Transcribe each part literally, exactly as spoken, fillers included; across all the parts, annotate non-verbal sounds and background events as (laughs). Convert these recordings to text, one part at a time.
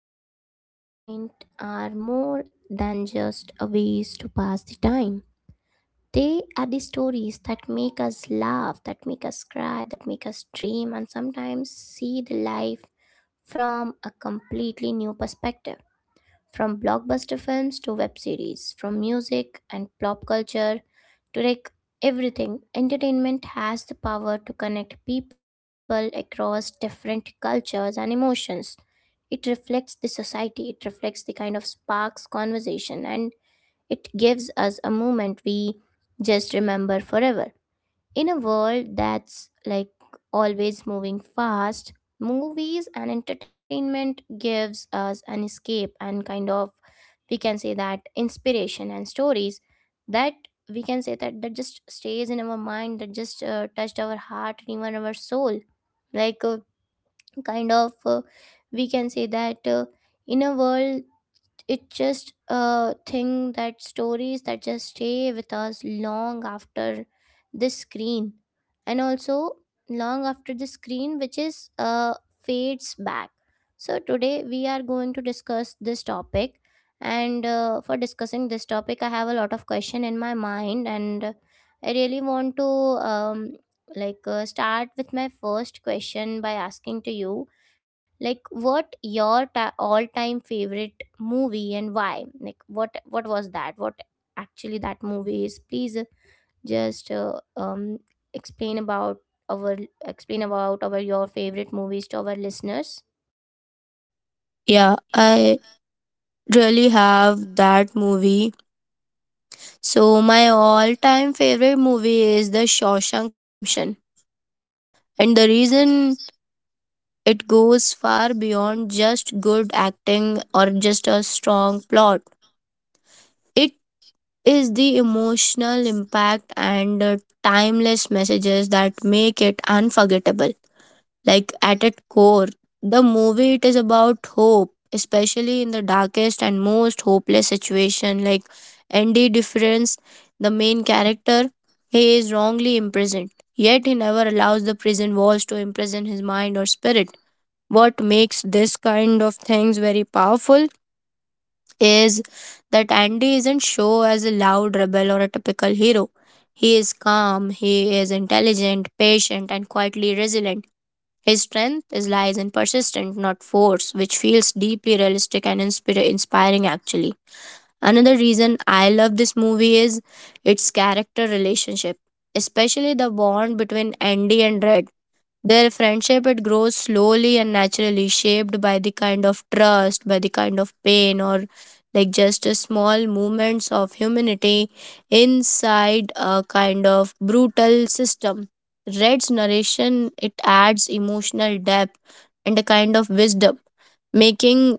movies and entertainment are more than just a ways to pass the time. They are the stories that make us laugh, that make us cry, that make us dream, and sometimes see the life from a completely new perspective. From blockbuster films to web series, from music and pop culture to like everything, entertainment has the power to connect people across different cultures and emotions. It reflects the society, it reflects the kind of sparks conversation, and it gives us a moment we just remember forever. In a world that's like always moving fast, movies and entertainment gives us an escape and kind of we can say that inspiration and stories that we can say that that just stays in our mind, that just uh, touched our heart and even our soul, like uh, kind of uh, we can say that uh, in a world, it's just a thing that stories that just stay with us long after the screen, and also long after the screen, which is uh, fades back. So today we are going to discuss this topic, and uh, for discussing this topic I have a lot of question in my mind, and I really want to um, like uh, start with my first question by asking to you, like what your ta- all-time favorite movie and why, like what what was that, what actually that movie is. Please uh, just uh, um explain about our explain about our your favorite movies to our listeners. Yeah, I really have that movie. So my all-time favorite movie is The Shawshank Redemption. And the reason it goes far beyond just good acting or just a strong plot. It is the emotional impact and the timeless messages that make it unforgettable. Like at its core, the movie it is about hope, especially in the darkest and most hopeless situation. Like Andy Difference, the main character, he is wrongly imprisoned, yet he never allows the prison walls to imprison his mind or spirit. What makes this kind of things very powerful is that Andy isn't shown as a loud rebel or a typical hero. He is calm, he is intelligent, patient, and quietly resilient. His strength is lies in persistence, not force, which feels deeply realistic and inspira- inspiring actually. Another reason I love this movie is its character relationship, especially the bond between Andy and Red. Their friendship it grows slowly and naturally, shaped by the kind of trust, by the kind of pain, or like just a small movements of humanity inside a kind of brutal system. Red's narration it adds emotional depth and a kind of wisdom, making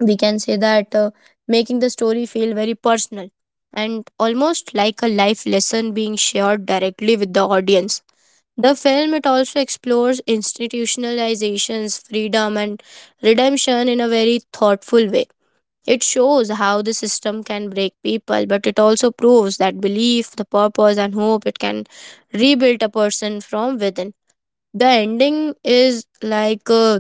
we can say that uh, making the story feel very personal and almost like a life lesson being shared directly with the audience. The film it also explores institutionalizations, freedom and redemption in a very thoughtful way. It shows how the system can break people, but it also proves that belief, the purpose and hope it can rebuild a person from within. The ending is like uh,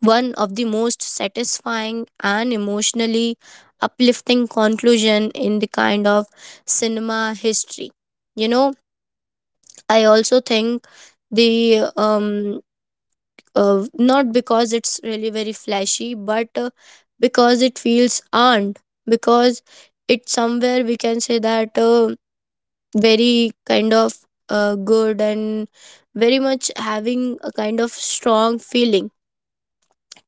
one of the most satisfying and emotionally uplifting conclusion in the kind of cinema history. You know, I also think the um uh, not because it's really very flashy, but uh, because it feels earned. Because it's somewhere we can say that uh, very kind of uh, good and very much having a kind of strong feeling.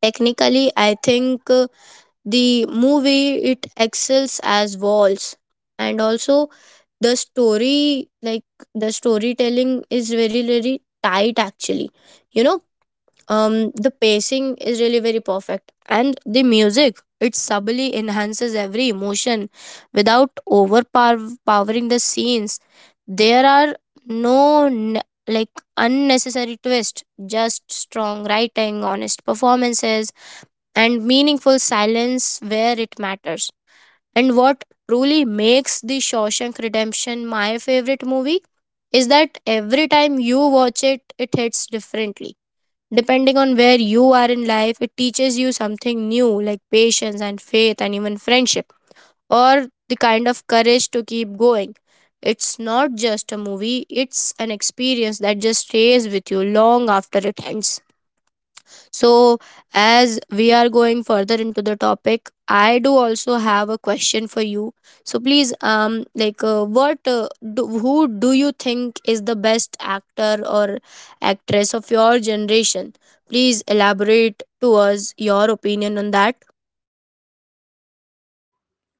Technically, I think uh, the movie it excels as walls, and also the story like the storytelling is very very tight actually. You know, um the pacing is really very perfect and the music it subtly enhances every emotion without overpowering the scenes. There are no n- like unnecessary twist, just strong writing, honest performances, and meaningful silence where it matters. And what truly makes The Shawshank Redemption my favorite movie is that every time you watch it, it hits differently. Depending on where you are in life, it teaches you something new like patience and faith and even friendship or the kind of courage to keep going. It's not just a movie, it's an experience that just stays with you long after it ends. So, as we are going further into the topic, I do also have a question for you. So, please, um, like, uh, what, uh, do, who do you think is the best actor or actress of your generation? Please elaborate to us your opinion on that.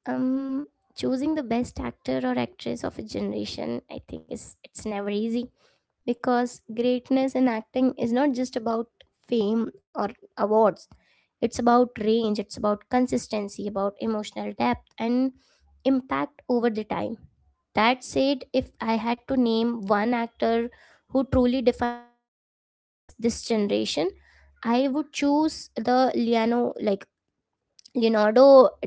Um choosing the best actor or actress of a generation, I think is it's never easy because greatness in acting is not just about fame or awards. It's about range, it's about consistency, about emotional depth and impact over the time. That said, if I had to name one actor who truly defines this generation, I would choose the Liano like Leonardo DiCaprio.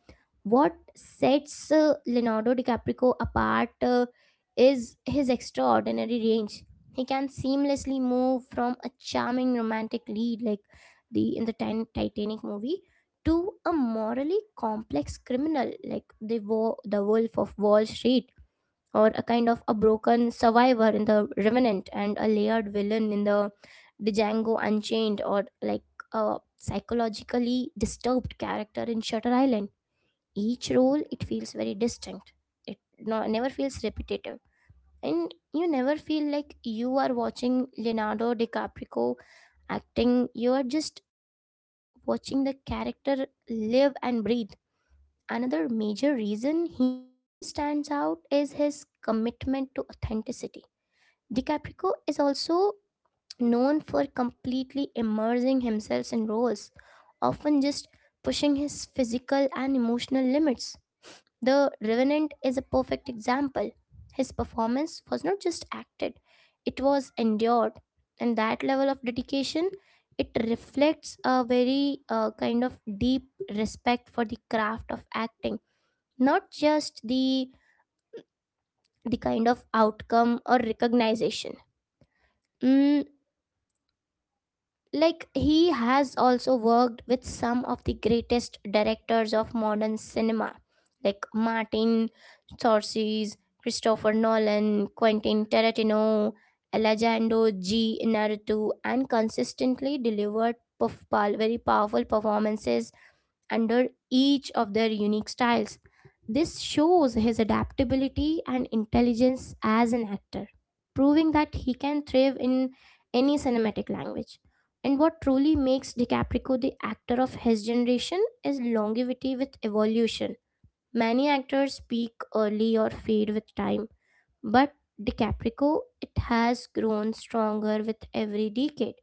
What sets uh, Leonardo DiCaprio apart uh, is his extraordinary range. He can seamlessly move from a charming romantic lead like the in the Tin- Titanic movie, to a morally complex criminal like the wo- the Wolf of Wall Street, or a kind of a broken survivor in the Revenant, and a layered villain in the Django Unchained, or like a psychologically disturbed character in Shutter Island. Each role, it feels very distinct, it, no, never feels repetitive, and you never feel like you are watching Leonardo DiCaprio acting. You are just watching the character live and breathe. Another major reason he stands out is his commitment to authenticity. DiCaprio is also known for completely immersing himself in roles, often just pushing his physical and emotional limits. The Revenant is a perfect example. His performance was not just acted, it was endured. And that level of dedication, it reflects a very uh, kind of deep respect for the craft of acting, not just the the kind of outcome or recognition. Mm, Like, he has also worked with some of the greatest directors of modern cinema, like Martin Scorsese, Christopher Nolan, Quentin Tarantino, Alejandro G. Inarritu, and consistently delivered perf- pal- very powerful performances under each of their unique styles. This shows his adaptability and intelligence as an actor, proving that he can thrive in any cinematic language. And what truly makes DiCaprio the actor of his generation is longevity with evolution. Many actors peak early or fade with time, but DiCaprio, it has grown stronger with every decade.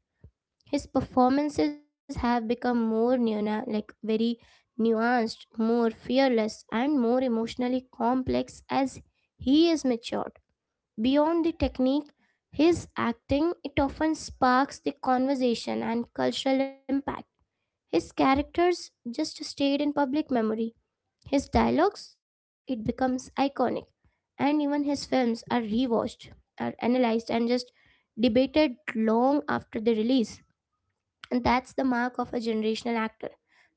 His performances have become more nuna- like very nuanced, more fearless, and more emotionally complex as he is matured. Beyond the technique, his acting it often sparks the conversation and cultural impact. His characters just stayed in public memory. His dialogues, it becomes iconic, and even his films are rewatched, are analyzed, and just debated long after the release. And that's the mark of a generational actor,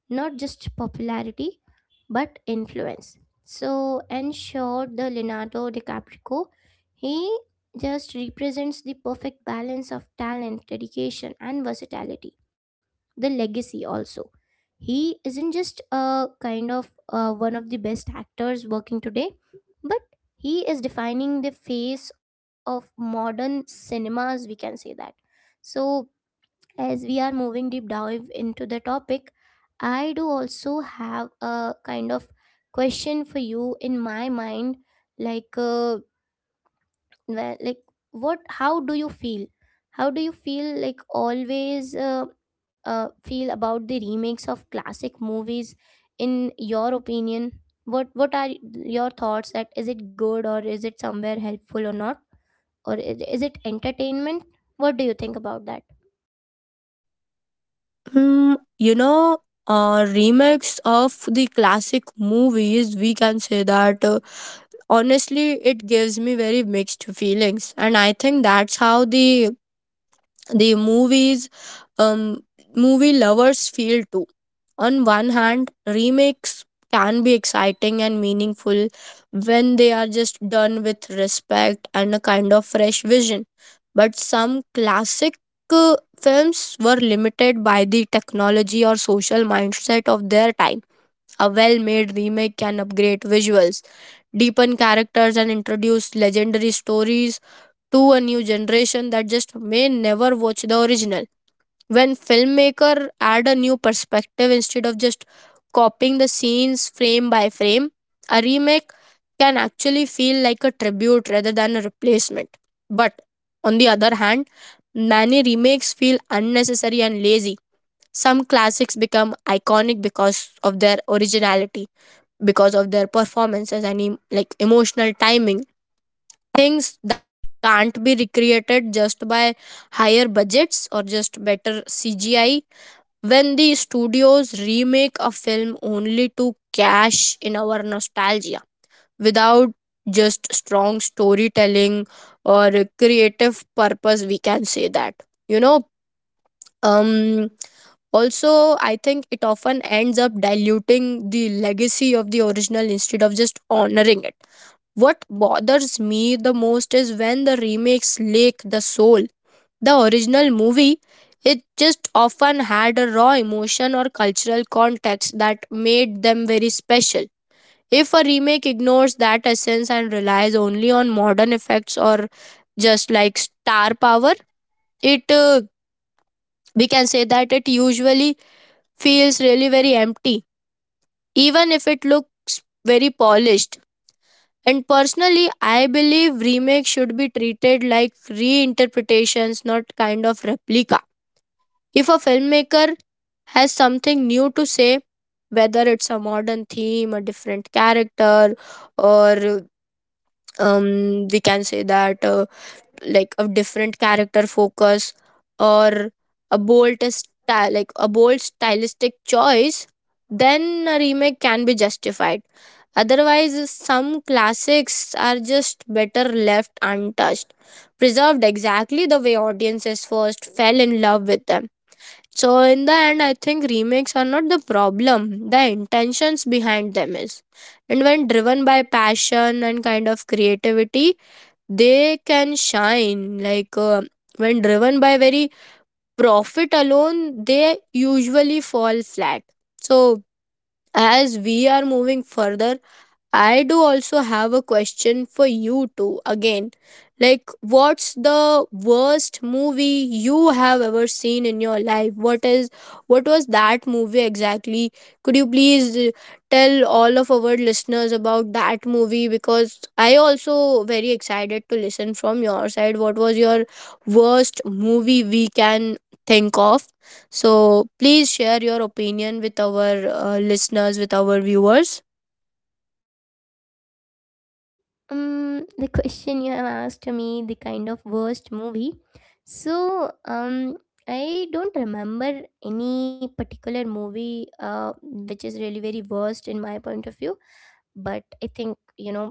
not just popularity, but influence. So, ensure the Leonardo DiCaprio, he just represents the perfect balance of talent, dedication, and versatility. The legacy also. He isn't just a kind of uh, one of the best actors working today, but he is defining the face of modern cinemas, we can say that. So, as we are moving deep dive into the topic, I do also have a kind of question for you in my mind, like, uh, wh- like what? How do you feel? How do you feel? Like always, uh, uh, feel about the remakes of classic movies? In your opinion, what what are your thoughts? That is it good, or is it somewhere helpful or not, or is is it entertainment? What do you think about that? Hmm, you know, uh, remakes of the classic movies, we can say that uh, honestly, it gives me very mixed feelings, and I think that's how the the movies, um, movie lovers feel too. On one hand, remakes can be exciting and meaningful when they are just done with respect and a kind of fresh vision. But some classic uh, films were limited by the technology or social mindset of their time. A well made remake can upgrade visuals, deepen characters, and introduce legendary stories to a new generation that just may never watch the original. When filmmaker add a new perspective instead of just copying the scenes frame by frame, a remake can actually feel like a tribute rather than a replacement. But on the other hand, many remakes feel unnecessary and lazy. Some classics become iconic because of their originality, because of their performances and em- like emotional timing, things that can't be recreated just by higher budgets or just better CGI. When the studios remake a film only to cash in our nostalgia, without just strong storytelling or a creative purpose, we can say that you know um also I think it often ends up diluting the legacy of the original instead of just honoring it. What bothers me the most is when the remakes lack the soul. The original movie, it just often had a raw emotion or cultural context that made them very special. If a remake ignores that essence and relies only on modern effects or just like star power, it uh, we can say that it usually feels really very empty, even if it looks very polished. And personally, I believe remakes should be treated like reinterpretations, not kind of replica. If a filmmaker has something new to say, whether it's a modern theme, a different character, or um, we can say that uh, like a different character focus, or a bold style, like a bold stylistic choice, then a remake can be justified. Otherwise, some classics are just better left untouched, preserved exactly the way audiences first fell in love with them. So in the end, I think remakes are not the problem. The intentions behind them is, and when driven by passion and kind of creativity, they can shine. Like uh, when driven by very profit alone, they usually fall flat. So as we are moving further, I do also have a question for you too. Again, like, what's the worst movie you have ever seen in your life? What is, what was that movie exactly? Could you please uh, tell all of our listeners about that movie? Because I also very excited to listen from your side. What was your worst movie we can think of? So please share your opinion with our uh, listeners, with our viewers. um the question you have asked me, the kind of worst movie. So um I don't remember any particular movie uh, which is really very worst in my point of view. But I think, you know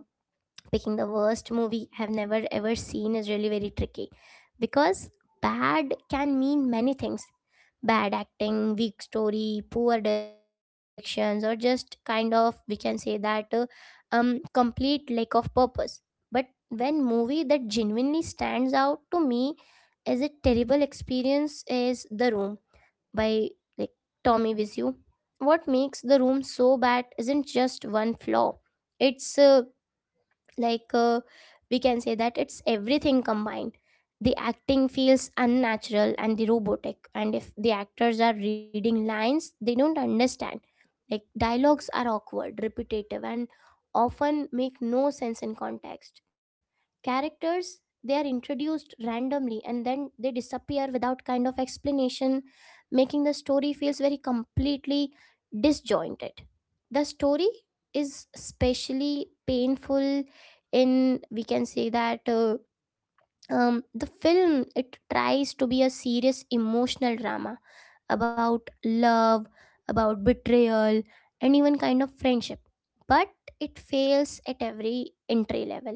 picking the worst movie I have never ever seen is really very tricky because bad can mean many things. Bad acting, weak story, poor directions, or just kind of we can say that uh, um complete lack of purpose. But when movie that genuinely stands out to me as a terrible experience is The Room by like Tommy Wiseau. What makes The Room so bad isn't just one flaw; it's uh, like uh, we can say that it's everything combined. The acting feels unnatural and the robotic, and if the actors are reading lines they don't understand, like dialogues are awkward, repetitive, and often make no sense in context. Characters, they are introduced randomly and then they disappear without kind of explanation, making the story feels very completely disjointed. The story is especially painful in, we can say that, uh, um, the film it tries to be a serious emotional drama about love, about betrayal, and even kind of friendship. But it fails at every entry level.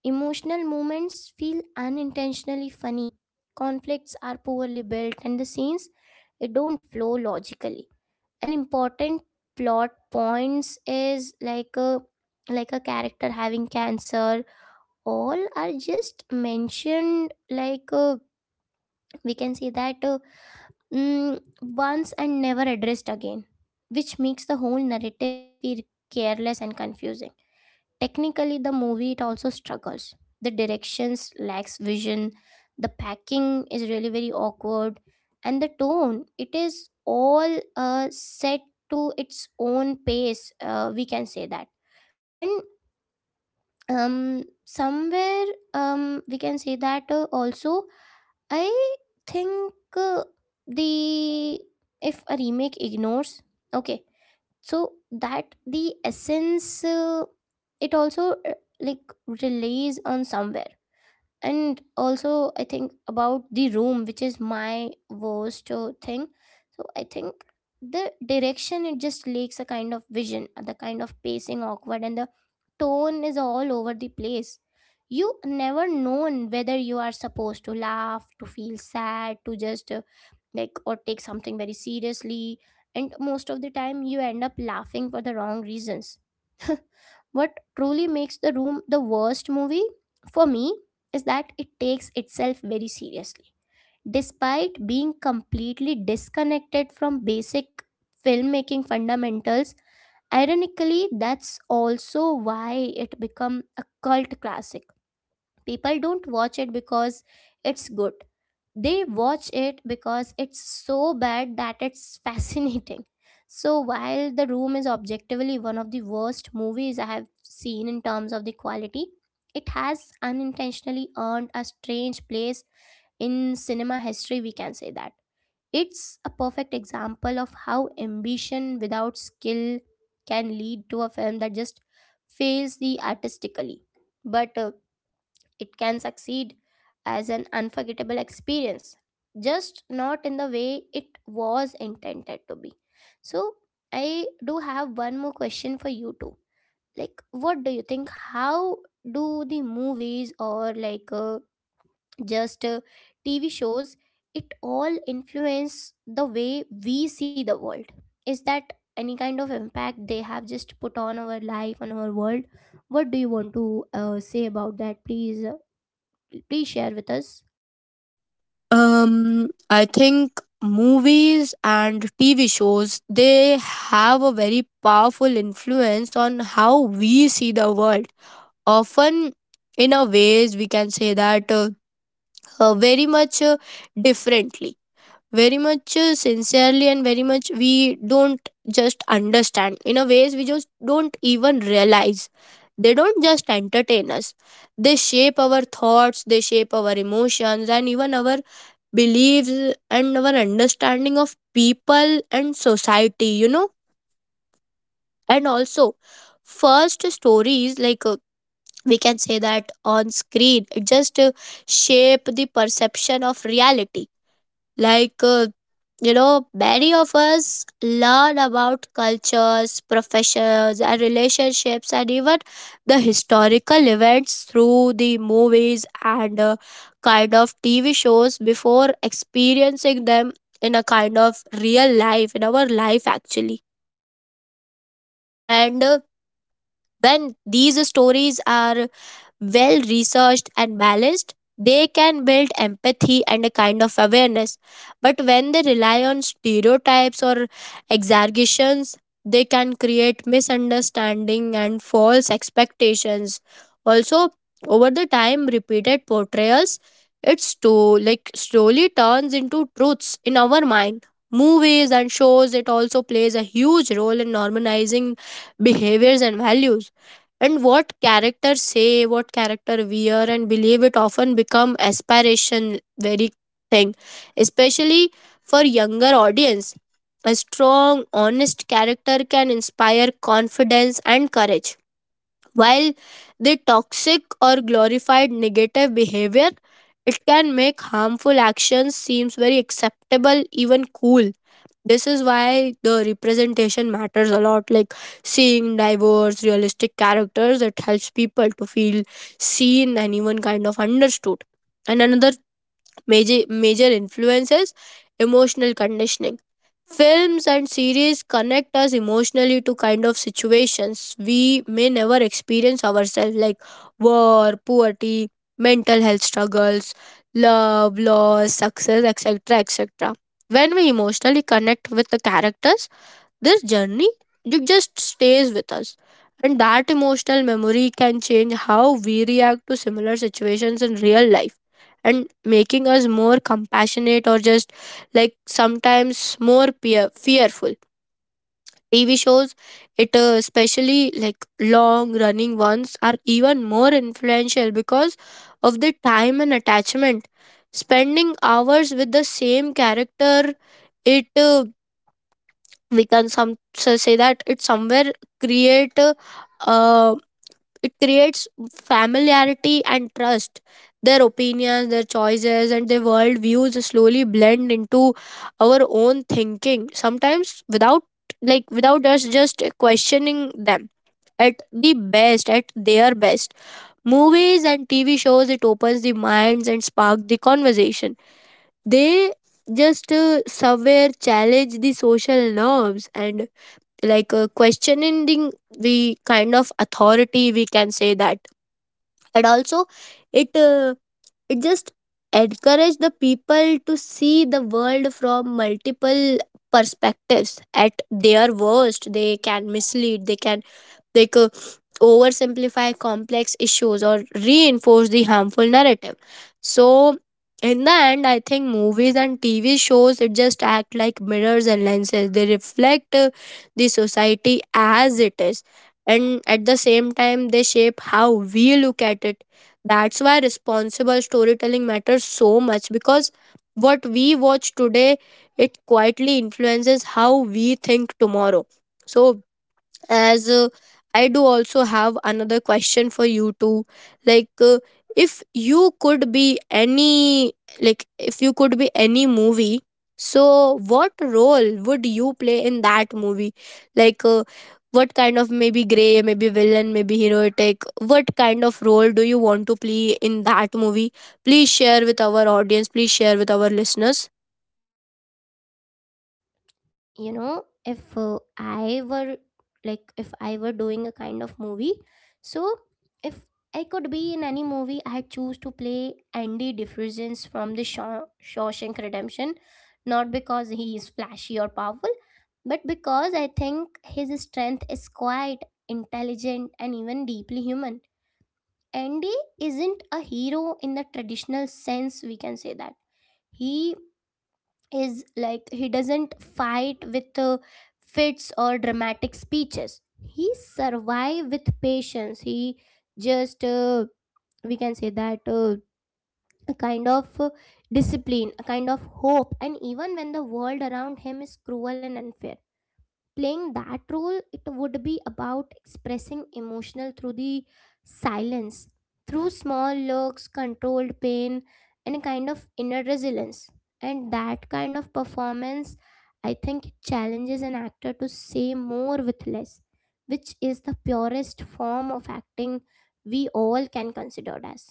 Emotional moments feel unintentionally funny, conflicts are poorly built, and the scenes, it don't flow logically. An important plot points is like a like a character having cancer, all are just mentioned, like uh, we can say that, uh, mm, once and never addressed again, which makes the whole narrative feel careless and confusing. Technically, the movie it also struggles. The directions lacks vision, the packing is really very awkward, and the tone it is all uh, set to its own pace, uh, we can say that. And um somewhere, um we can say that, uh, also I think, uh, the, if a remake ignores, okay, so that the essence, uh, it also uh, like relies on somewhere. And also I think about The Room, which is my worst uh, thing. So I think the direction, it just lacks a kind of vision, uh, the kind of pacing awkward, and the tone is all over the place. You never known whether you are supposed to laugh, to feel sad, to just uh, like, or take something very seriously, and most of the time you end up laughing for the wrong reasons. What truly makes The Room the worst movie for me is that it takes itself very seriously. Despite being completely disconnected from basic filmmaking fundamentals, ironically that's also why it became a cult classic. People don't watch it because it's good. They watch it because it's so bad that it's (laughs) fascinating. So while The Room is objectively one of the worst movies I have seen in terms of the quality, it has unintentionally earned a strange place in cinema history, we can say that. It's a perfect example of how ambition without skill can lead to a film that just fails the artistically. But uh, it can succeed as an unforgettable experience, just not in the way it was intended to be. So, I do have one more question for you too. Like, what do you think? How do the movies, or like uh, just uh, T V shows, it all influence the way we see the world? Is that any kind of impact they have just put on our life on our world? What do you want to uh, say about that, please? Uh, please share with us. Um, I think movies and T V shows they have a very powerful influence on how we see the world. Often, in a ways, we can say that uh, uh, very much uh, differently, very much uh, sincerely, and very much we don't just understand. In a ways, we just don't even realize. They don't just entertain us; they shape our thoughts, they shape our emotions, and even our beliefs and our understanding of people and society. You know, and also, first stories like uh, we can say that on screen, it just uh, shape the perception of reality. like uh, you know, many of us learn about cultures, professions, and relationships, and even the historical events through the movies and uh, kind of T V shows before experiencing them in a kind of real life, in our life actually. And uh, when these stories are well researched and balanced, they can build empathy and a kind of awareness. But when they rely on stereotypes or exaggerations, they can create misunderstanding and false expectations. Also, over the time, repeated portrayals, it slow, like slowly turns into truths in our mind. Movies and shows, it also plays a huge role in normalizing behaviors and values, and what characters say, what character wear and believe, it often become aspiration very thing, especially for younger audience. A strong honest character can inspire confidence and courage, while the toxic or glorified negative behavior, it can make harmful actions seems very acceptable, even cool. This is why the representation matters a lot. Like seeing diverse, realistic characters, it helps people to feel seen and even kind of understood. And another major, major influences, emotional conditioning. Films and series connect us emotionally to kind of situations we may never experience ourselves, like war, poverty, mental health struggles, love, loss, success, et cetera et cetera. When we emotionally connect with the characters, this journey it just stays with us, and that emotional memory can change how we react to similar situations in real life, and making us more compassionate or just like sometimes more peer- fearful. T V shows, it uh, especially like long running ones, are even more influential because of the time and attachment. Spending hours with the same character, it uh, we can some so say that it somewhere create uh, it creates familiarity and trust. Their opinions, their choices and their world views slowly blend into our own thinking sometimes without like without us just questioning them. At the best at their best, movies and TV shows, it opens the minds and spark the conversation. They just uh, somewhere challenge the social norms and like uh, questioning the the kind of authority, we can say that. And also, it uh, it just encourage the people to see the world from multiple perspectives. At their worst, they can mislead, they can they could oversimplify complex issues or reinforce the harmful narrative. So in the end, I think movies and TV shows, it just act like mirrors and lenses. They reflect uh, the society as it is, and at the same time they shape how we look at it. That's why responsible storytelling matters so much, because what we watch today, it quietly influences how we think tomorrow. So, as uh, I do also have another question for you too. like uh, if you could be any like if you could be any movie, so what role would you play in that movie? like uh, what kind of, maybe gray, maybe villain, maybe heroic, what kind of role do you want to play in that movie? Please share with our audience, please share with our listeners. You know, if uh, i were like if i were doing a kind of movie, so if I could be in any movie, I choose to play Andy Difference from the Shaw- Shawshank Redemption, not because he is flashy or powerful, but because I think his strength is quite intelligent and even deeply human. Andy isn't a hero in the traditional sense, we can say that. He is like he doesn't fight with uh, fits or dramatic speeches. He survive with patience. He just uh, we can say that, uh, a kind of uh, discipline, a kind of hope, and even when the world around him is cruel and unfair, playing that role, it would be about expressing emotional through the silence, through small looks, controlled pain, and a kind of inner resilience. And that kind of performance, I think, it challenges an actor to say more with less, which is the purest form of acting, we all can consider it as.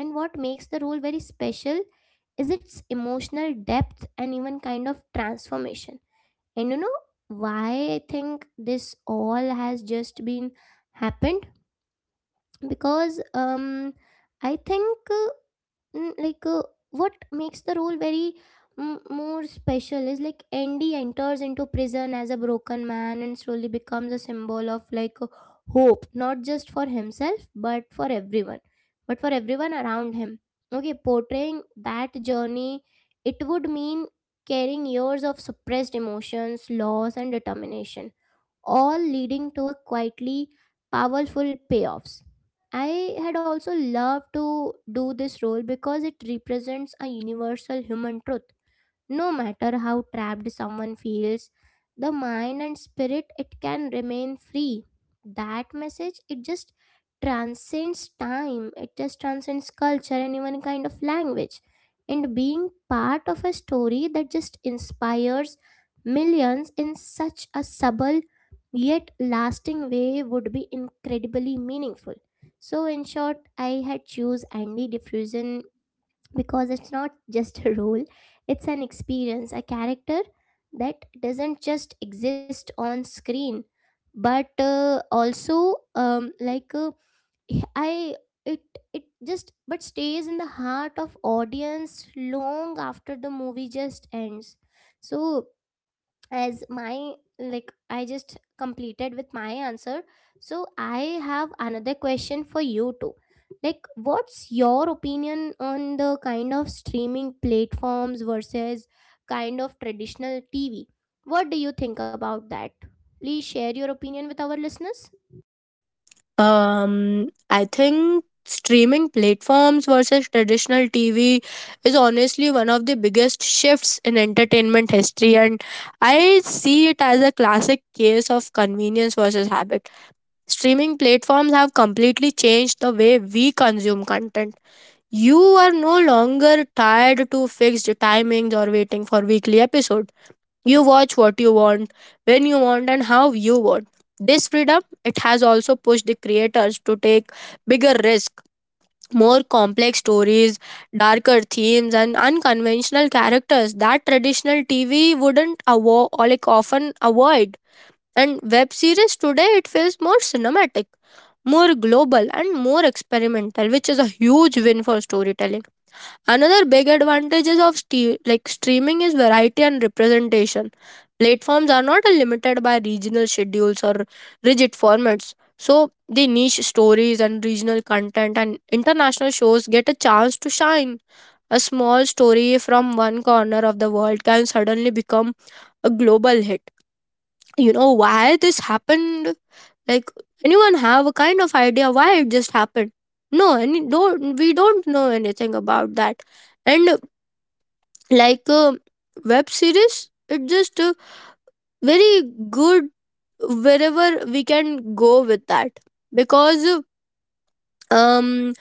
And what makes the role very special is its emotional depth and even kind of transformation. And you know why I think this all has just been happened? Because um I think uh, mm, like uh, what makes the role very m- more special is like Andy enters into prison as a broken man and slowly becomes a symbol of like uh, hope, not just for himself, but for everyone, but for everyone around him. Okay, portraying that journey, it would mean carrying years of suppressed emotions, loss, and determination, all leading to a quietly powerful payoffs. I had also loved to do this role because it represents a universal human truth: no matter how trapped someone feels, the mind and spirit, it can remain free. That message, it just transcends time, it just transcends culture and even kind of language. And being part of a story that just inspires millions in such a subtle yet lasting way would be incredibly meaningful. So in short, I had choose Andy Diffusion because it's not (laughs) just a role, it's an experience, a character that doesn't just exist on screen, but uh, also um, like uh, I it it just but stays in the heart of audience long after the movie just ends. So as my like I just completed with my answer, so I have another question for you too, like what's your opinion on the kind of streaming platforms versus kind of traditional TV? What do you think about that? Please share your opinion with our listeners. Um, I think streaming platforms versus traditional T V is honestly one of the biggest shifts in entertainment history, and I see it as a classic case of convenience versus habit. Streaming platforms have completely changed the way we consume content. You are no longer tied to fixed timings or waiting for weekly episodes. You watch what you want, when you want, and how you want. This freedom, it has also pushed the creators to take bigger risks, more complex stories, darker themes, and unconventional characters that traditional T V wouldn't avo- or like often avoid. And web series today, it feels more cinematic, more global, and more experimental, which is a huge win for storytelling. Another big advantages of ste- like streaming is variety and representation. Platforms are not limited by regional schedules or rigid formats. So the niche stories and regional content and international shows get a chance to shine. A small story from one corner of the world can suddenly become a global hit. You know why this happened? Like, anyone have a kind of idea why it just happened? No, any don't, we don't know anything about that. And like a web series, it just uh, very good wherever we can go with that, because um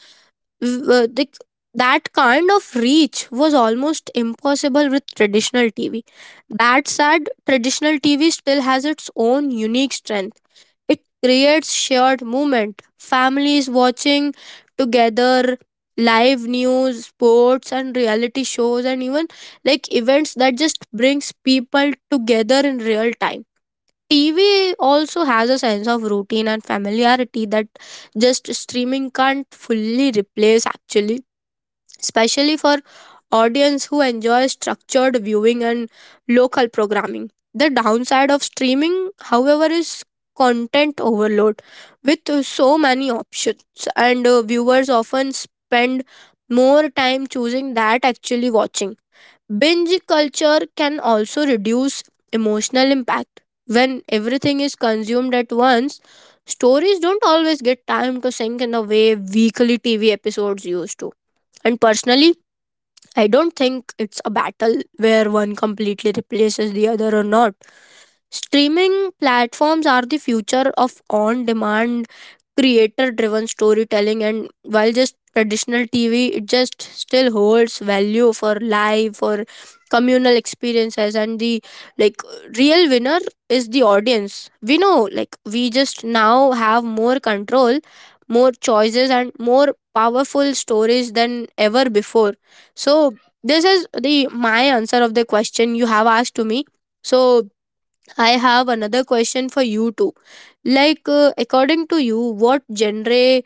w- the, like, that kind of reach was almost impossible with traditional T V. That said, traditional T V still has its own unique strength. It creates shared movement, families watching together, live news, sports, and reality shows, and even like events that just brings people together in real time. T V also has a sense of routine and familiarity that just streaming can't fully replace, actually, especially for audience who enjoy structured viewing and local programming. The downside of streaming, however, is content overload. With so many options, and uh, viewers often spend more time choosing that actually watching. Binge culture can also reduce emotional impact. When everything is consumed at once, stories don't always get time to sink in the way weekly T V episodes used to. And personally, I don't think it's a battle where one completely replaces the other or not. Streaming platforms are the future of on demand, creator driven storytelling, and while just traditional T V, it just still holds value for live, for communal experiences. And the, like, real winner is the audience. We know, like, we just now have more control, more choices and more powerful stories than ever before. So this is the my answer of the question you have asked to me. So I have another question for you too. Like, uh, according to you, what genre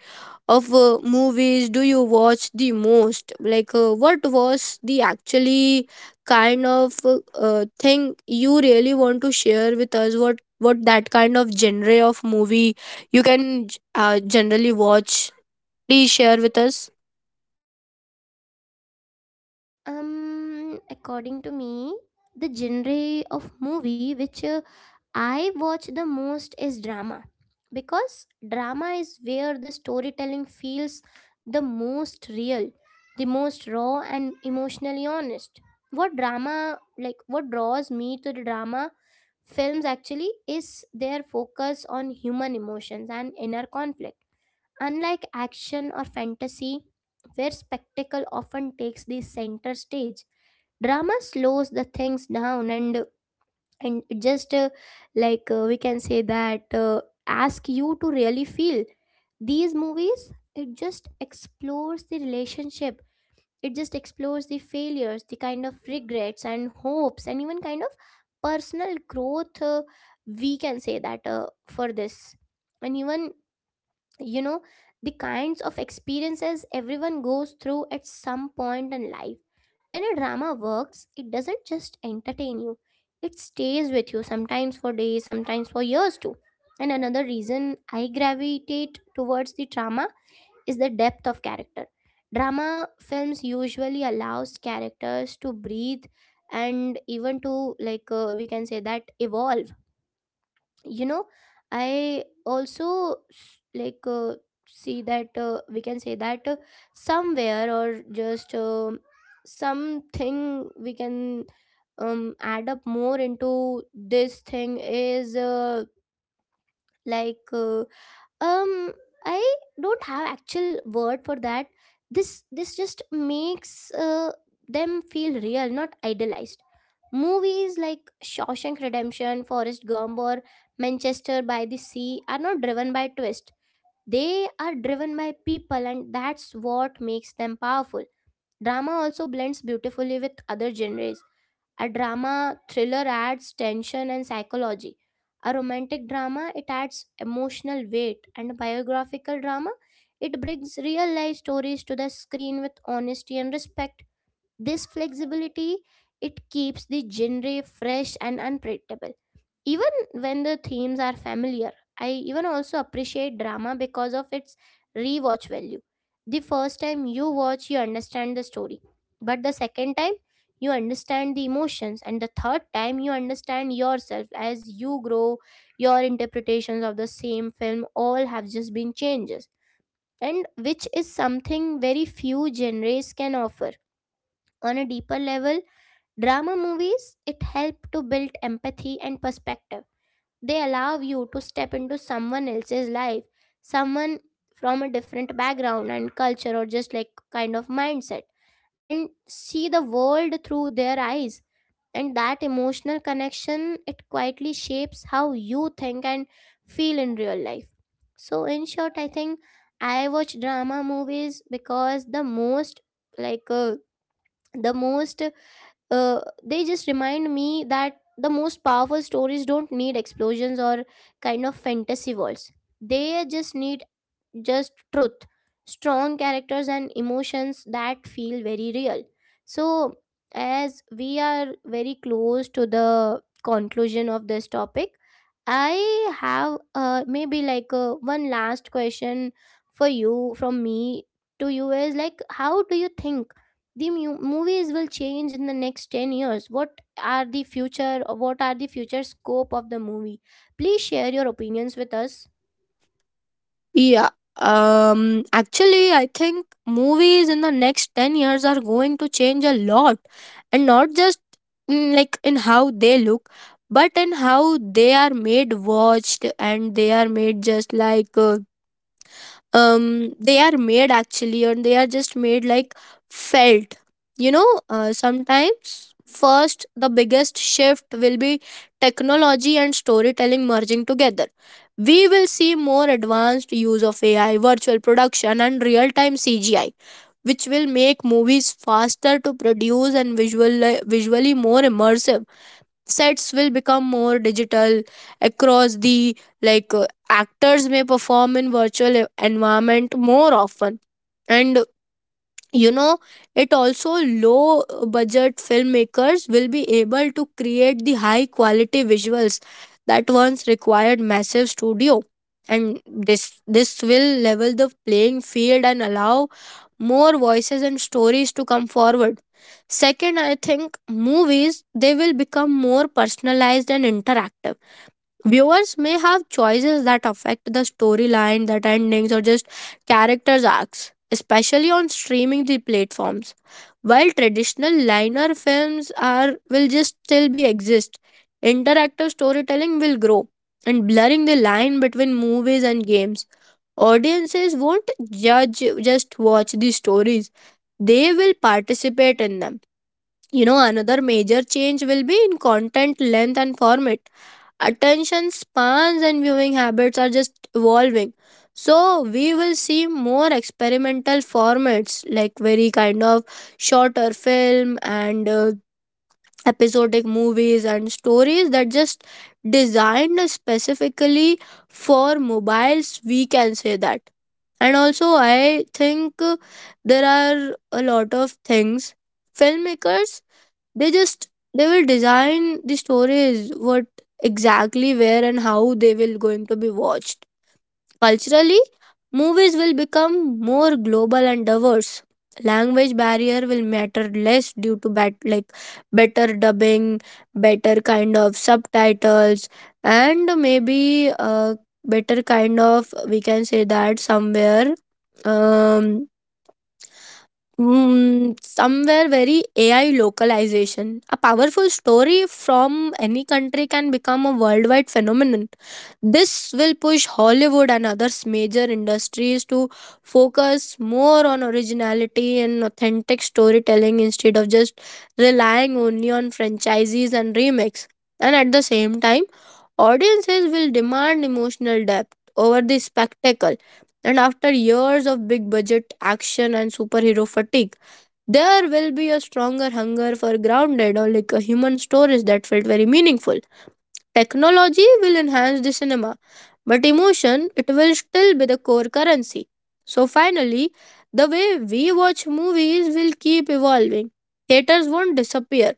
of uh, movies do you watch the most? Like, uh, what was the actually kind of uh, uh, thing you really want to share with us? What what that kind of genre of movie you can uh, generally watch? Please share with us. Um, according to me, the genre of movie which uh, I watch the most is drama, because drama is where the storytelling feels the most real, the most raw and emotionally honest. What drama like what draws me to the drama films actually is their focus on human emotions and inner conflict. Unlike action or fantasy, where spectacle often takes the center stage, drama slows the things down and and just uh, like uh, we can say that uh, ask you to really feel. These movies, it just explores the relationship, it just explores the failures, the kind of regrets and hopes, and even kind of personal growth, uh, we can say that, uh, for this. And even, you know, the kinds of experiences everyone goes through at some point in life. When a drama works, it doesn't just entertain you, it stays with you, sometimes for days, sometimes for years too. And another reason I gravitate towards the drama is the depth of character. Drama films usually allows characters to breathe and even to like uh, we can say that evolve. You know, I also s- like uh, see that, uh, we can say that, uh, somewhere or just um something we can um add up more into this thing is uh, like uh, um I don't have actual word for that. This this just makes uh, them feel real, not idealized. Movies like Shawshank Redemption, Forrest Gump, or Manchester by the Sea are not driven by twist, they are driven by people, and that's what makes them powerful. Drama also blends beautifully with other genres. A drama thriller adds tension and psychology. A romantic drama, it adds emotional weight, and a biographical drama, it brings real life stories to the screen with honesty and respect. This flexibility, it keeps the genre fresh and unpredictable even when the themes are familiar. I even also appreciate drama because of its rewatch value. The first time you watch, you understand the story, but the second time, you understand the emotions, and the third time, you understand yourself as you grow. Your interpretations of the same film all have just been changes, and which is something very few genres can offer. On a deeper level, drama movies, it help to build empathy and perspective. They allow you to step into someone else's life, someone from a different background and culture, or just like kind of mindset, and see the world through their eyes. And that emotional connection, it quietly shapes how you think and feel in real life. So, in short, I think I watch drama movies because the most, like, uh, the most uh, they just remind me that the most powerful stories don't need explosions or kind of fantasy worlds. They just need just truth, strong characters, and emotions that feel very real. So, as we are very close to the conclusion of this topic, I have uh, maybe like uh, one last question for you, from me to you, is like, how do you think the mu- movies will change in the next ten years? What are the future, what are the future scope of the movie? Please share your opinions with us. Yeah. Um, actually I think movies in the next ten years are going to change a lot, and not just in, like in how they look, but in how they are made, watched, and they are made just like uh, um they are made actually, and they are just made like felt. You know, uh, sometimes first the biggest shift will be technology and storytelling merging together. We will see more advanced use of AI, virtual production and real time CGI, which will make movies faster to produce and visual visually more immersive. Sets will become more digital across the, like uh, actors may perform in virtual e- environment more often. And, you know, it also low budget filmmakers will be able to create the high quality visuals that once required massive studio. And this this will level the playing field and allow more voices and stories to come forward. Second, I think movies, they will become more personalized and interactive. Viewers may have choices that affect the storyline, that endings, or just characters' arcs, especially on streaming the platforms. While traditional linear films are will just still be exist, interactive storytelling will grow and blurring the line between movies and games. Audiences won't judge just watch the stories. They will participate in them. You know, another major change will be in content length and format. Attention spans and viewing habits are just evolving, so we will see more experimental formats like very kind of shorter film and uh, episodic movies and stories that just designed specifically for mobiles, we can say that. And also I think uh, there are a lot of things filmmakers, they just they will design the stories what exactly where and how they will going to be watched. Culturally, movies will become more global and diverse. Language barrier will matter less due to bat, like better dubbing, better kind of subtitles, and maybe a better kind of, we can say that, somewhere, um Mm, somewhere very A I localization. A powerful story from any country can become a worldwide phenomenon. This will push Hollywood and other major industries to focus more on originality and authentic storytelling instead of just relying only on franchises and remakes. And at the same time, audiences will demand emotional depth over the spectacle, and after years of big budget action and superhero fatigue, there will be a stronger hunger for grounded or like a human stories that felt very meaningful. Technology will enhance the cinema, but emotion, it will still be the core currency. So finally, the way we watch movies will keep evolving. Theaters won't disappear,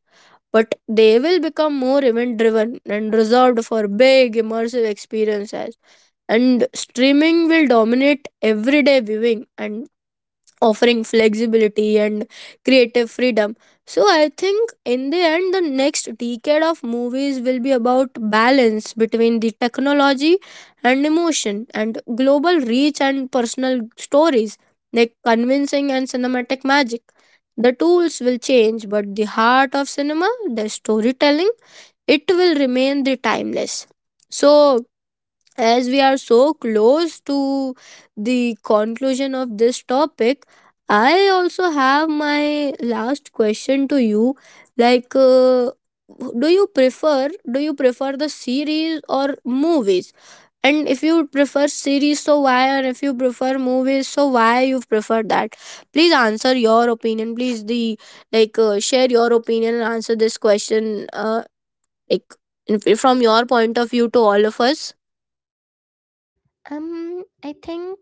but they will become more event driven and reserved for big immersive experiences, and streaming will dominate everyday viewing and offering flexibility and creative freedom. So I think in the end, the next decade of movies will be about balance between the technology and emotion, and global reach and personal stories, like convincing and cinematic magic. The tools will change, but the heart of cinema, the storytelling, it will remain the timeless. So as we are so close to the conclusion of this topic, I also have my last question to you. like uh, do you prefer do you prefer the series or movies? And if you prefer series, so why, and if you prefer movies, so why you prefer that? Please answer your opinion, please the, like uh, share your opinion and answer this question, uh, like in- from your point of view to all of us. Um, I think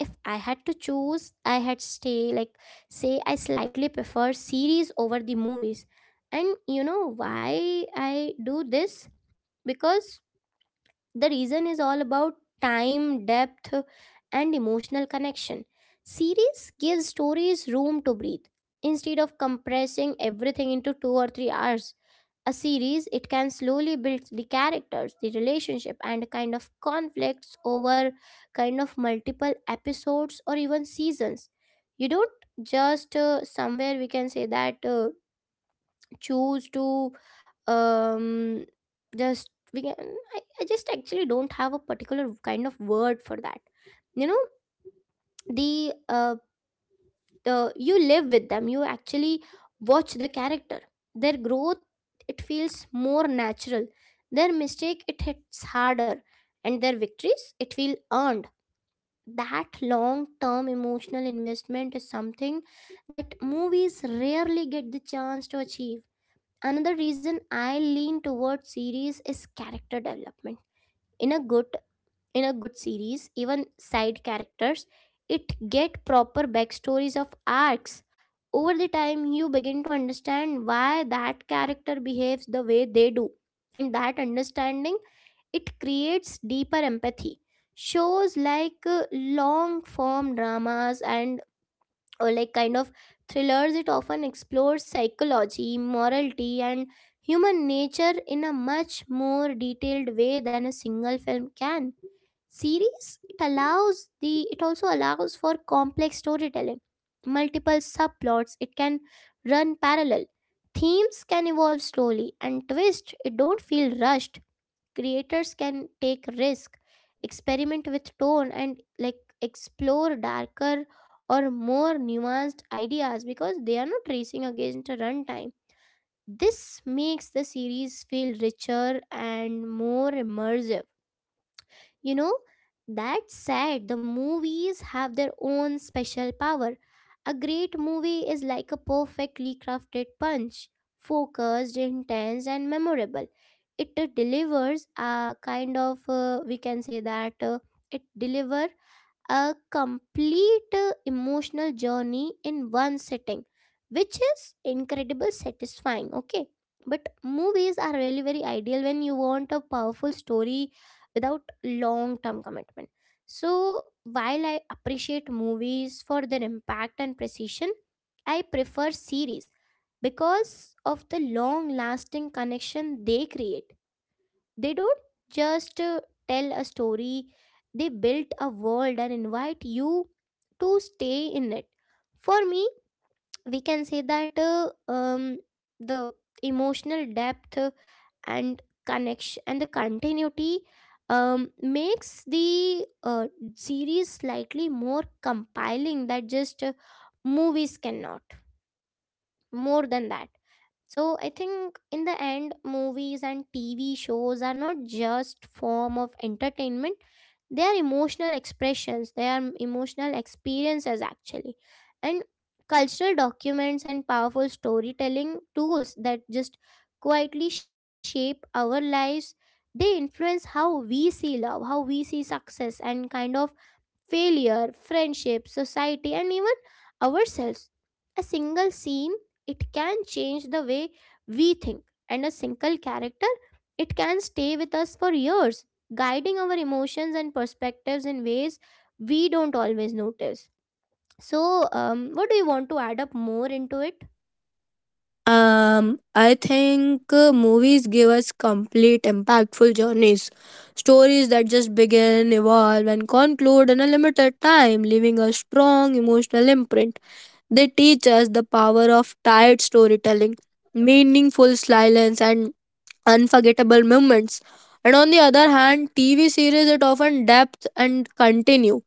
if I had to choose, I had stay like say I slightly prefer series over the movies. And you know why I do this? Because the reason is all about time, depth, and emotional connection. Series gives stories room to breathe. Instead of compressing everything into two or three hours, a series, it can slowly build the characters, the relationship, and kind of conflicts over kind of multiple episodes or even seasons. You don't just uh, somewhere we can say that uh, choose to um just we can I, I just actually don't have a particular kind of word for that. You know, the uh the you live with them, you actually watch the character, their growth, it feels more natural, their mistake, it hits harder, and their victories, it feel earned. That long term emotional investment is something that movies rarely get the chance to achieve. Another reason I lean towards series is character development. In a good in a good series, even side characters, it get proper backstories of arcs over the time. You begin to understand why that character behaves the way they do, and that understanding, it creates deeper empathy. Shows like uh, long form dramas and or like kind of thrillers, it often explores psychology, morality, and human nature in a much more detailed way than a single film can. Series, it allows the, it also allows for complex storytelling. Multiple subplots, it can run parallel, themes can evolve slowly, and twist, it don't feel rushed. Creators can take risk, experiment with tone, and like explore darker or more nuanced ideas, because they are not racing against a runtime. This makes the series feel richer and more immersive. You know, that said, the movies have their own special power. A great movie is like a perfectly crafted punch, focused, intense, and memorable. It uh, delivers a kind of, uh, we can say that uh, it deliver a complete uh, emotional journey in one sitting, which is incredible satisfying. Okay, but movies are really very ideal when you want a powerful story without long term commitment. So, while I appreciate movies for their impact and precision, I prefer series because of the long lasting connection they create. They don't just uh, tell a story, they built a world and invite you to stay in it. For me, we can say that uh, um, the emotional depth, uh, and connection and the continuity, um, makes the, uh, series slightly more compiling that just uh, movies cannot, more than that. So I think in the end, movies and T V shows are not just form of entertainment. They are emotional expressions. They are emotional experiences actually. And cultural documents and powerful storytelling tools that just quietly shape our lives. They influence how we see love, how we see success, and kind of failure, friendship, society, and even ourselves. A single scene, it can change the way we think, and a single character, it can stay with us for years, guiding our emotions and perspectives in ways we don't always notice. So, um, what do you want to add up more into it? Um, I think uh, movies give us complete, impactful journeys. Stories that just begin, evolve, and conclude in a limited time, leaving a strong emotional imprint. They teach us the power of tired storytelling, meaningful silence, and unforgettable moments. And on the other hand, T V series it often depth and continue,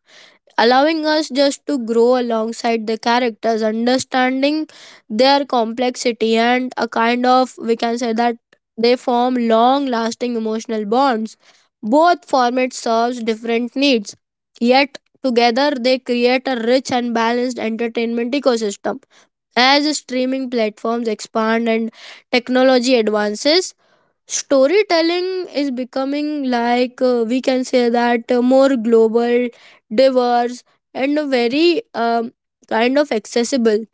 allowing us just to grow alongside the characters, understanding their complexity, and a kind of, we can say that, they form long lasting emotional bonds. Both formats serves different needs, yet together they create a rich and balanced entertainment ecosystem. As streaming platforms expand and technology advances, storytelling is becoming like uh, we can say that, uh, more global, diverse and very um, kind of accessible.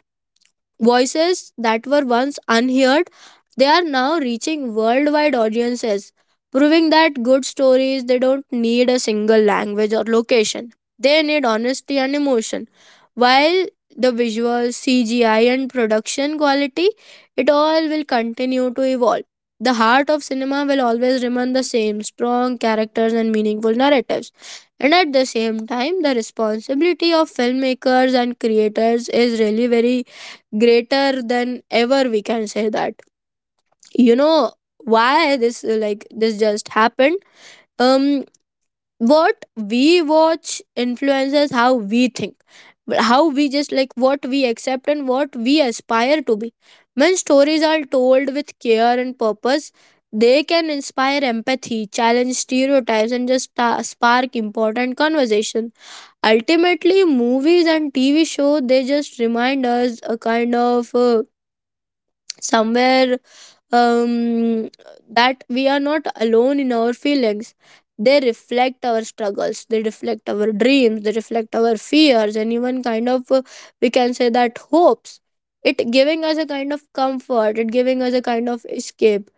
Voices that were once unheard, they are now reaching worldwide audiences, proving that good stories they don't need a single language or location. They need honesty and emotion. While the visuals, C G I and production quality, it all will continue to evolve. The heart of cinema will always remain the same, strong characters and meaningful narratives. And at the same time, the responsibility of filmmakers and creators is really very greater than ever, we can say that. You know why this uh, like this just happened? Um, what we watch influences how we think, how we just like what we accept and what we aspire to be. When stories are told with care and purpose, they can inspire empathy, challenge stereotypes and just sta- spark important conversation. Ultimately, movies and TV show, they just remind us a kind of uh, somewhere um, that we are not alone in our feelings. They reflect our struggles, they reflect our dreams, they reflect our fears, and even kind of uh, we can say that hopes, it giving us a kind of comfort, it giving us a kind of escape,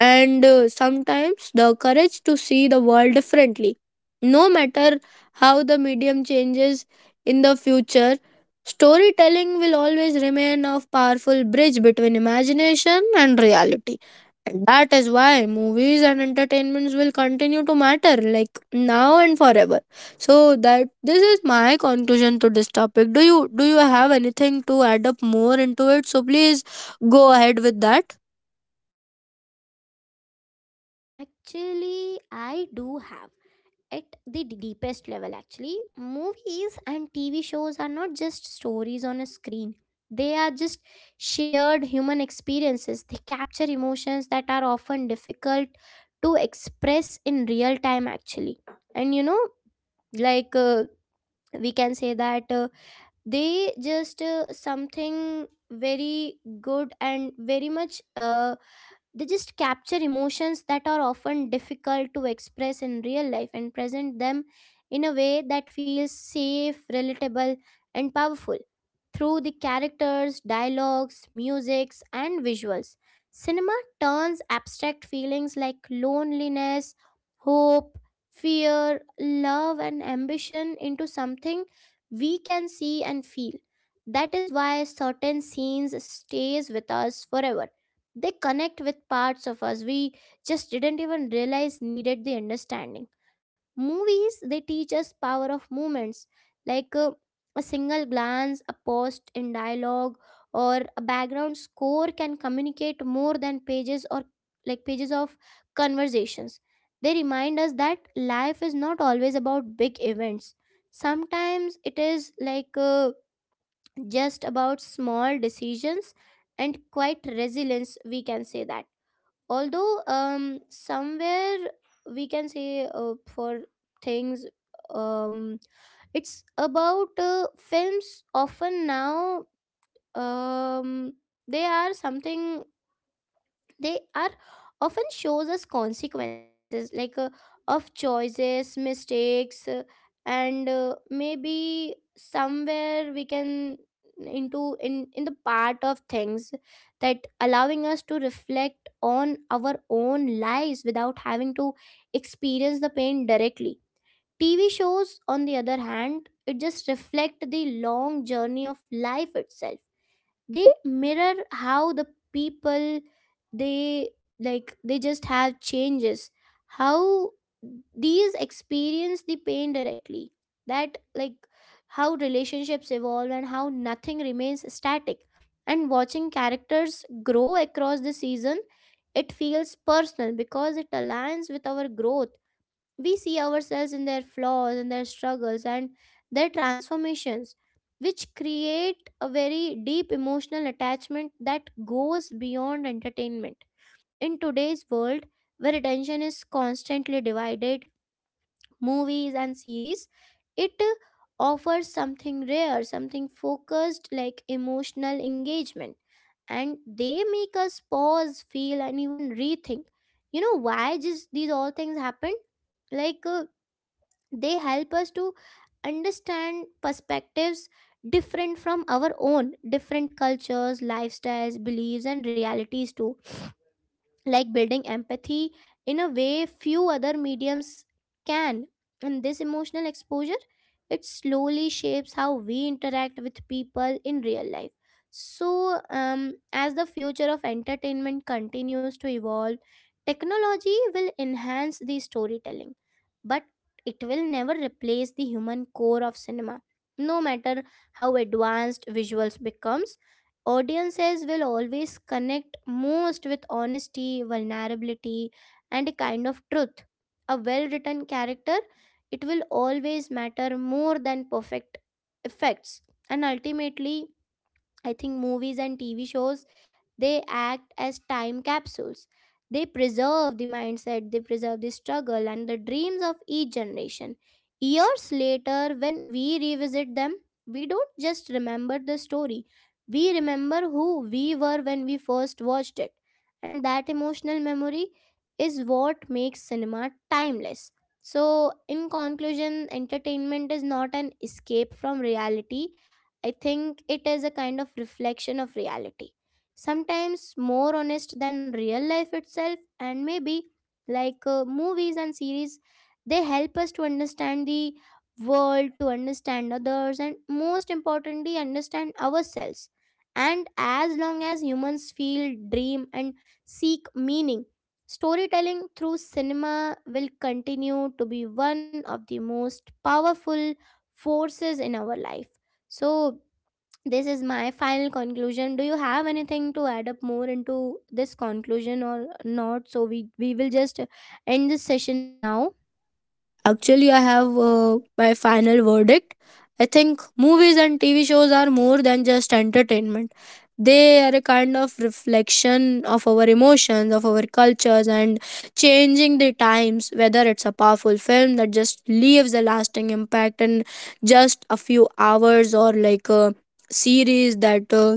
and uh, sometimes the courage to see the world differently. No matter how the medium changes in the future, storytelling will always remain a powerful bridge between imagination and reality. And that is why movies and entertainments will continue to matter, like now and forever. So that this is my conclusion to this topic. Do you do you have anything to add up more into it? So please go ahead with that. Actually, I do have. At the d- deepest level, actually, movies and TV shows are not just stories on a screen, they are just shared human experiences. They capture emotions that are often difficult to express in real time actually. And you know, like uh, we can say that, uh, they just, uh, something very good and very much, uh, they just capture emotions that are often difficult to express in real life and present them in a way that feels safe, relatable, and powerful. Through the characters, dialogues, musics, and visuals, cinema turns abstract feelings like loneliness, hope, fear, love, and ambition into something we can see and feel. That is why certain scenes stays with us forever. They connect with parts of us we just didn't even realize needed the understanding. Movies, they teach us power of movements, like uh, a single glance, a post in dialogue, or a background score can communicate more than pages or like pages of conversations. They remind us that life is not always about big events. Sometimes it is like uh, just about small decisions and quite resilience, we can say that. Although um somewhere we can say, uh, for things um it's about, uh, films often now, um they are something they are often shows us consequences, like uh, of choices, mistakes, uh, and, uh, maybe somewhere we can, into in in the part of things that allowing us to reflect on our own lives without having to experience the pain directly. TV shows, on the other hand, it just reflect the long journey of life itself. They mirror how the people, they, like they just have changes, how these experience the pain directly, that like, how relationships evolve and how nothing remains static. And watching characters grow across the season, it feels personal because it aligns with our growth. We see ourselves in their flaws, in their struggles, and their transformations, which create a very deep emotional attachment that goes beyond entertainment. In today's world, where attention is constantly divided, movies and series, it uh, offers something rare, something focused like emotional engagement. And they make us pause, feel, and even rethink. You know why just these all things happen? Like uh, they help us to understand perspectives different from our own, different cultures, lifestyles, beliefs, and realities too, like building empathy in a way few other mediums can. And this emotional exposure, it slowly shapes how we interact with people in real life. So um, as the future of entertainment continues to evolve, technology will enhance the storytelling, but it will never replace the human core of cinema. No matter how advanced visuals becomes, audiences will always connect most with honesty, vulnerability, and a kind of truth. A well written character, it will always matter more than perfect effects. And ultimately, I think movies and T V shows, they act as time capsules. They preserve the mindset, they preserve the struggle and the dreams of each generation. Years later, when we revisit them, we don't just remember the story, we remember who we were when we first watched it. And that emotional memory is what makes cinema timeless. So, in conclusion, entertainment is not an escape from reality. I think it is a kind of reflection of reality, sometimes more honest than real life itself. And maybe like uh, movies and series, they help us to understand the world, to understand others, and most importantly understand ourselves. And as long as humans feel, dream, and seek meaning, storytelling through cinema will continue to be one of the most powerful forces in our life. So this is my final conclusion. Do you have anything to add up more into this conclusion or not, so we we will just end this session now? Actually, I have uh, my final verdict. I think movies and T V shows are more than just entertainment. They are a kind of reflection of our emotions, of our cultures, and changing the times. Whether it's a powerful film that just leaves a lasting impact in just a few hours, or like a series that uh,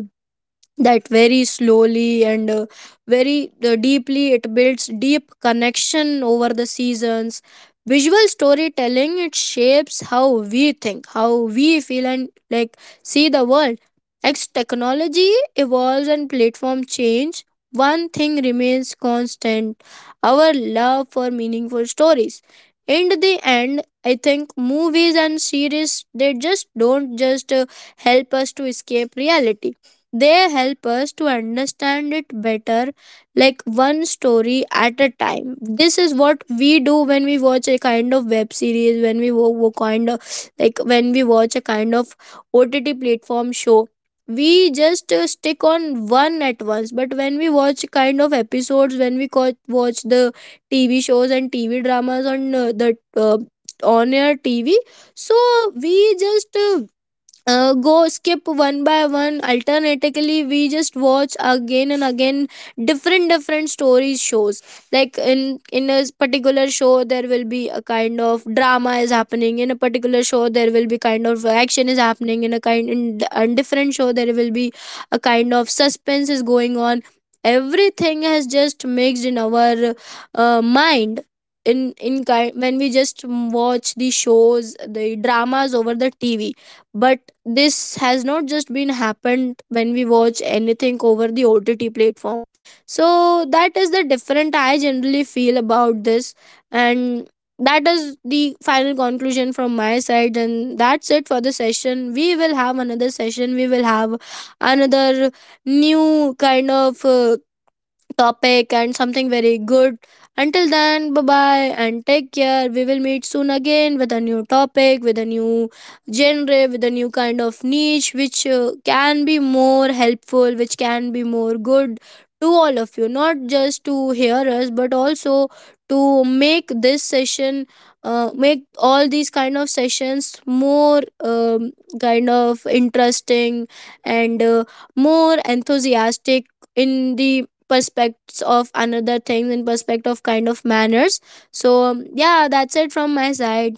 that very slowly and uh, very uh, deeply it builds deep connection over the seasons, visual storytelling, it shapes how we think, how we feel, and like see the world. As technology evolves and platform change, one thing remains constant: our love for meaningful stories. In the end, I think movies and series, they just don't just uh, help us to escape reality, they help us to understand it better, like one story at a time. This is what we do when we watch a kind of web series, when we wo- wo- kind of like when we watch a kind of O T T platform show. We just uh, stick on one at once, but when we watch kind of episodes, when we co- watch the T V shows and T V dramas on uh, the uh, on air T V, so we just uh, uh, go skip one by one alternatively, we just watch again and again different different stories shows. Like in in a particular show, there will be a kind of drama is happening, in a particular show there will be kind of action is happening, in a kind, in a different show there will be a kind of suspense is going on. Everything has just mixed in our uh, mind in in kind when we just watch the shows, the dramas over the TV. But this has not just been happened when we watch anything over the O T T platform. So that is the different I generally feel about this. And that is the final conclusion from my side, and that's it for the session. We will have another session, we will have another new kind of uh, topic and something very good. Until then, bye bye and take care. We will meet soon again with a new topic, with a new genre, with a new kind of niche, which uh, can be more helpful, which can be more good to all of you, not just to hear us, but also to make this session, uh, make all these kind of sessions more um, kind of interesting and uh, more enthusiastic in the perspectives of another things, in perspective of kind of manners. So um, yeah, that's it from my side.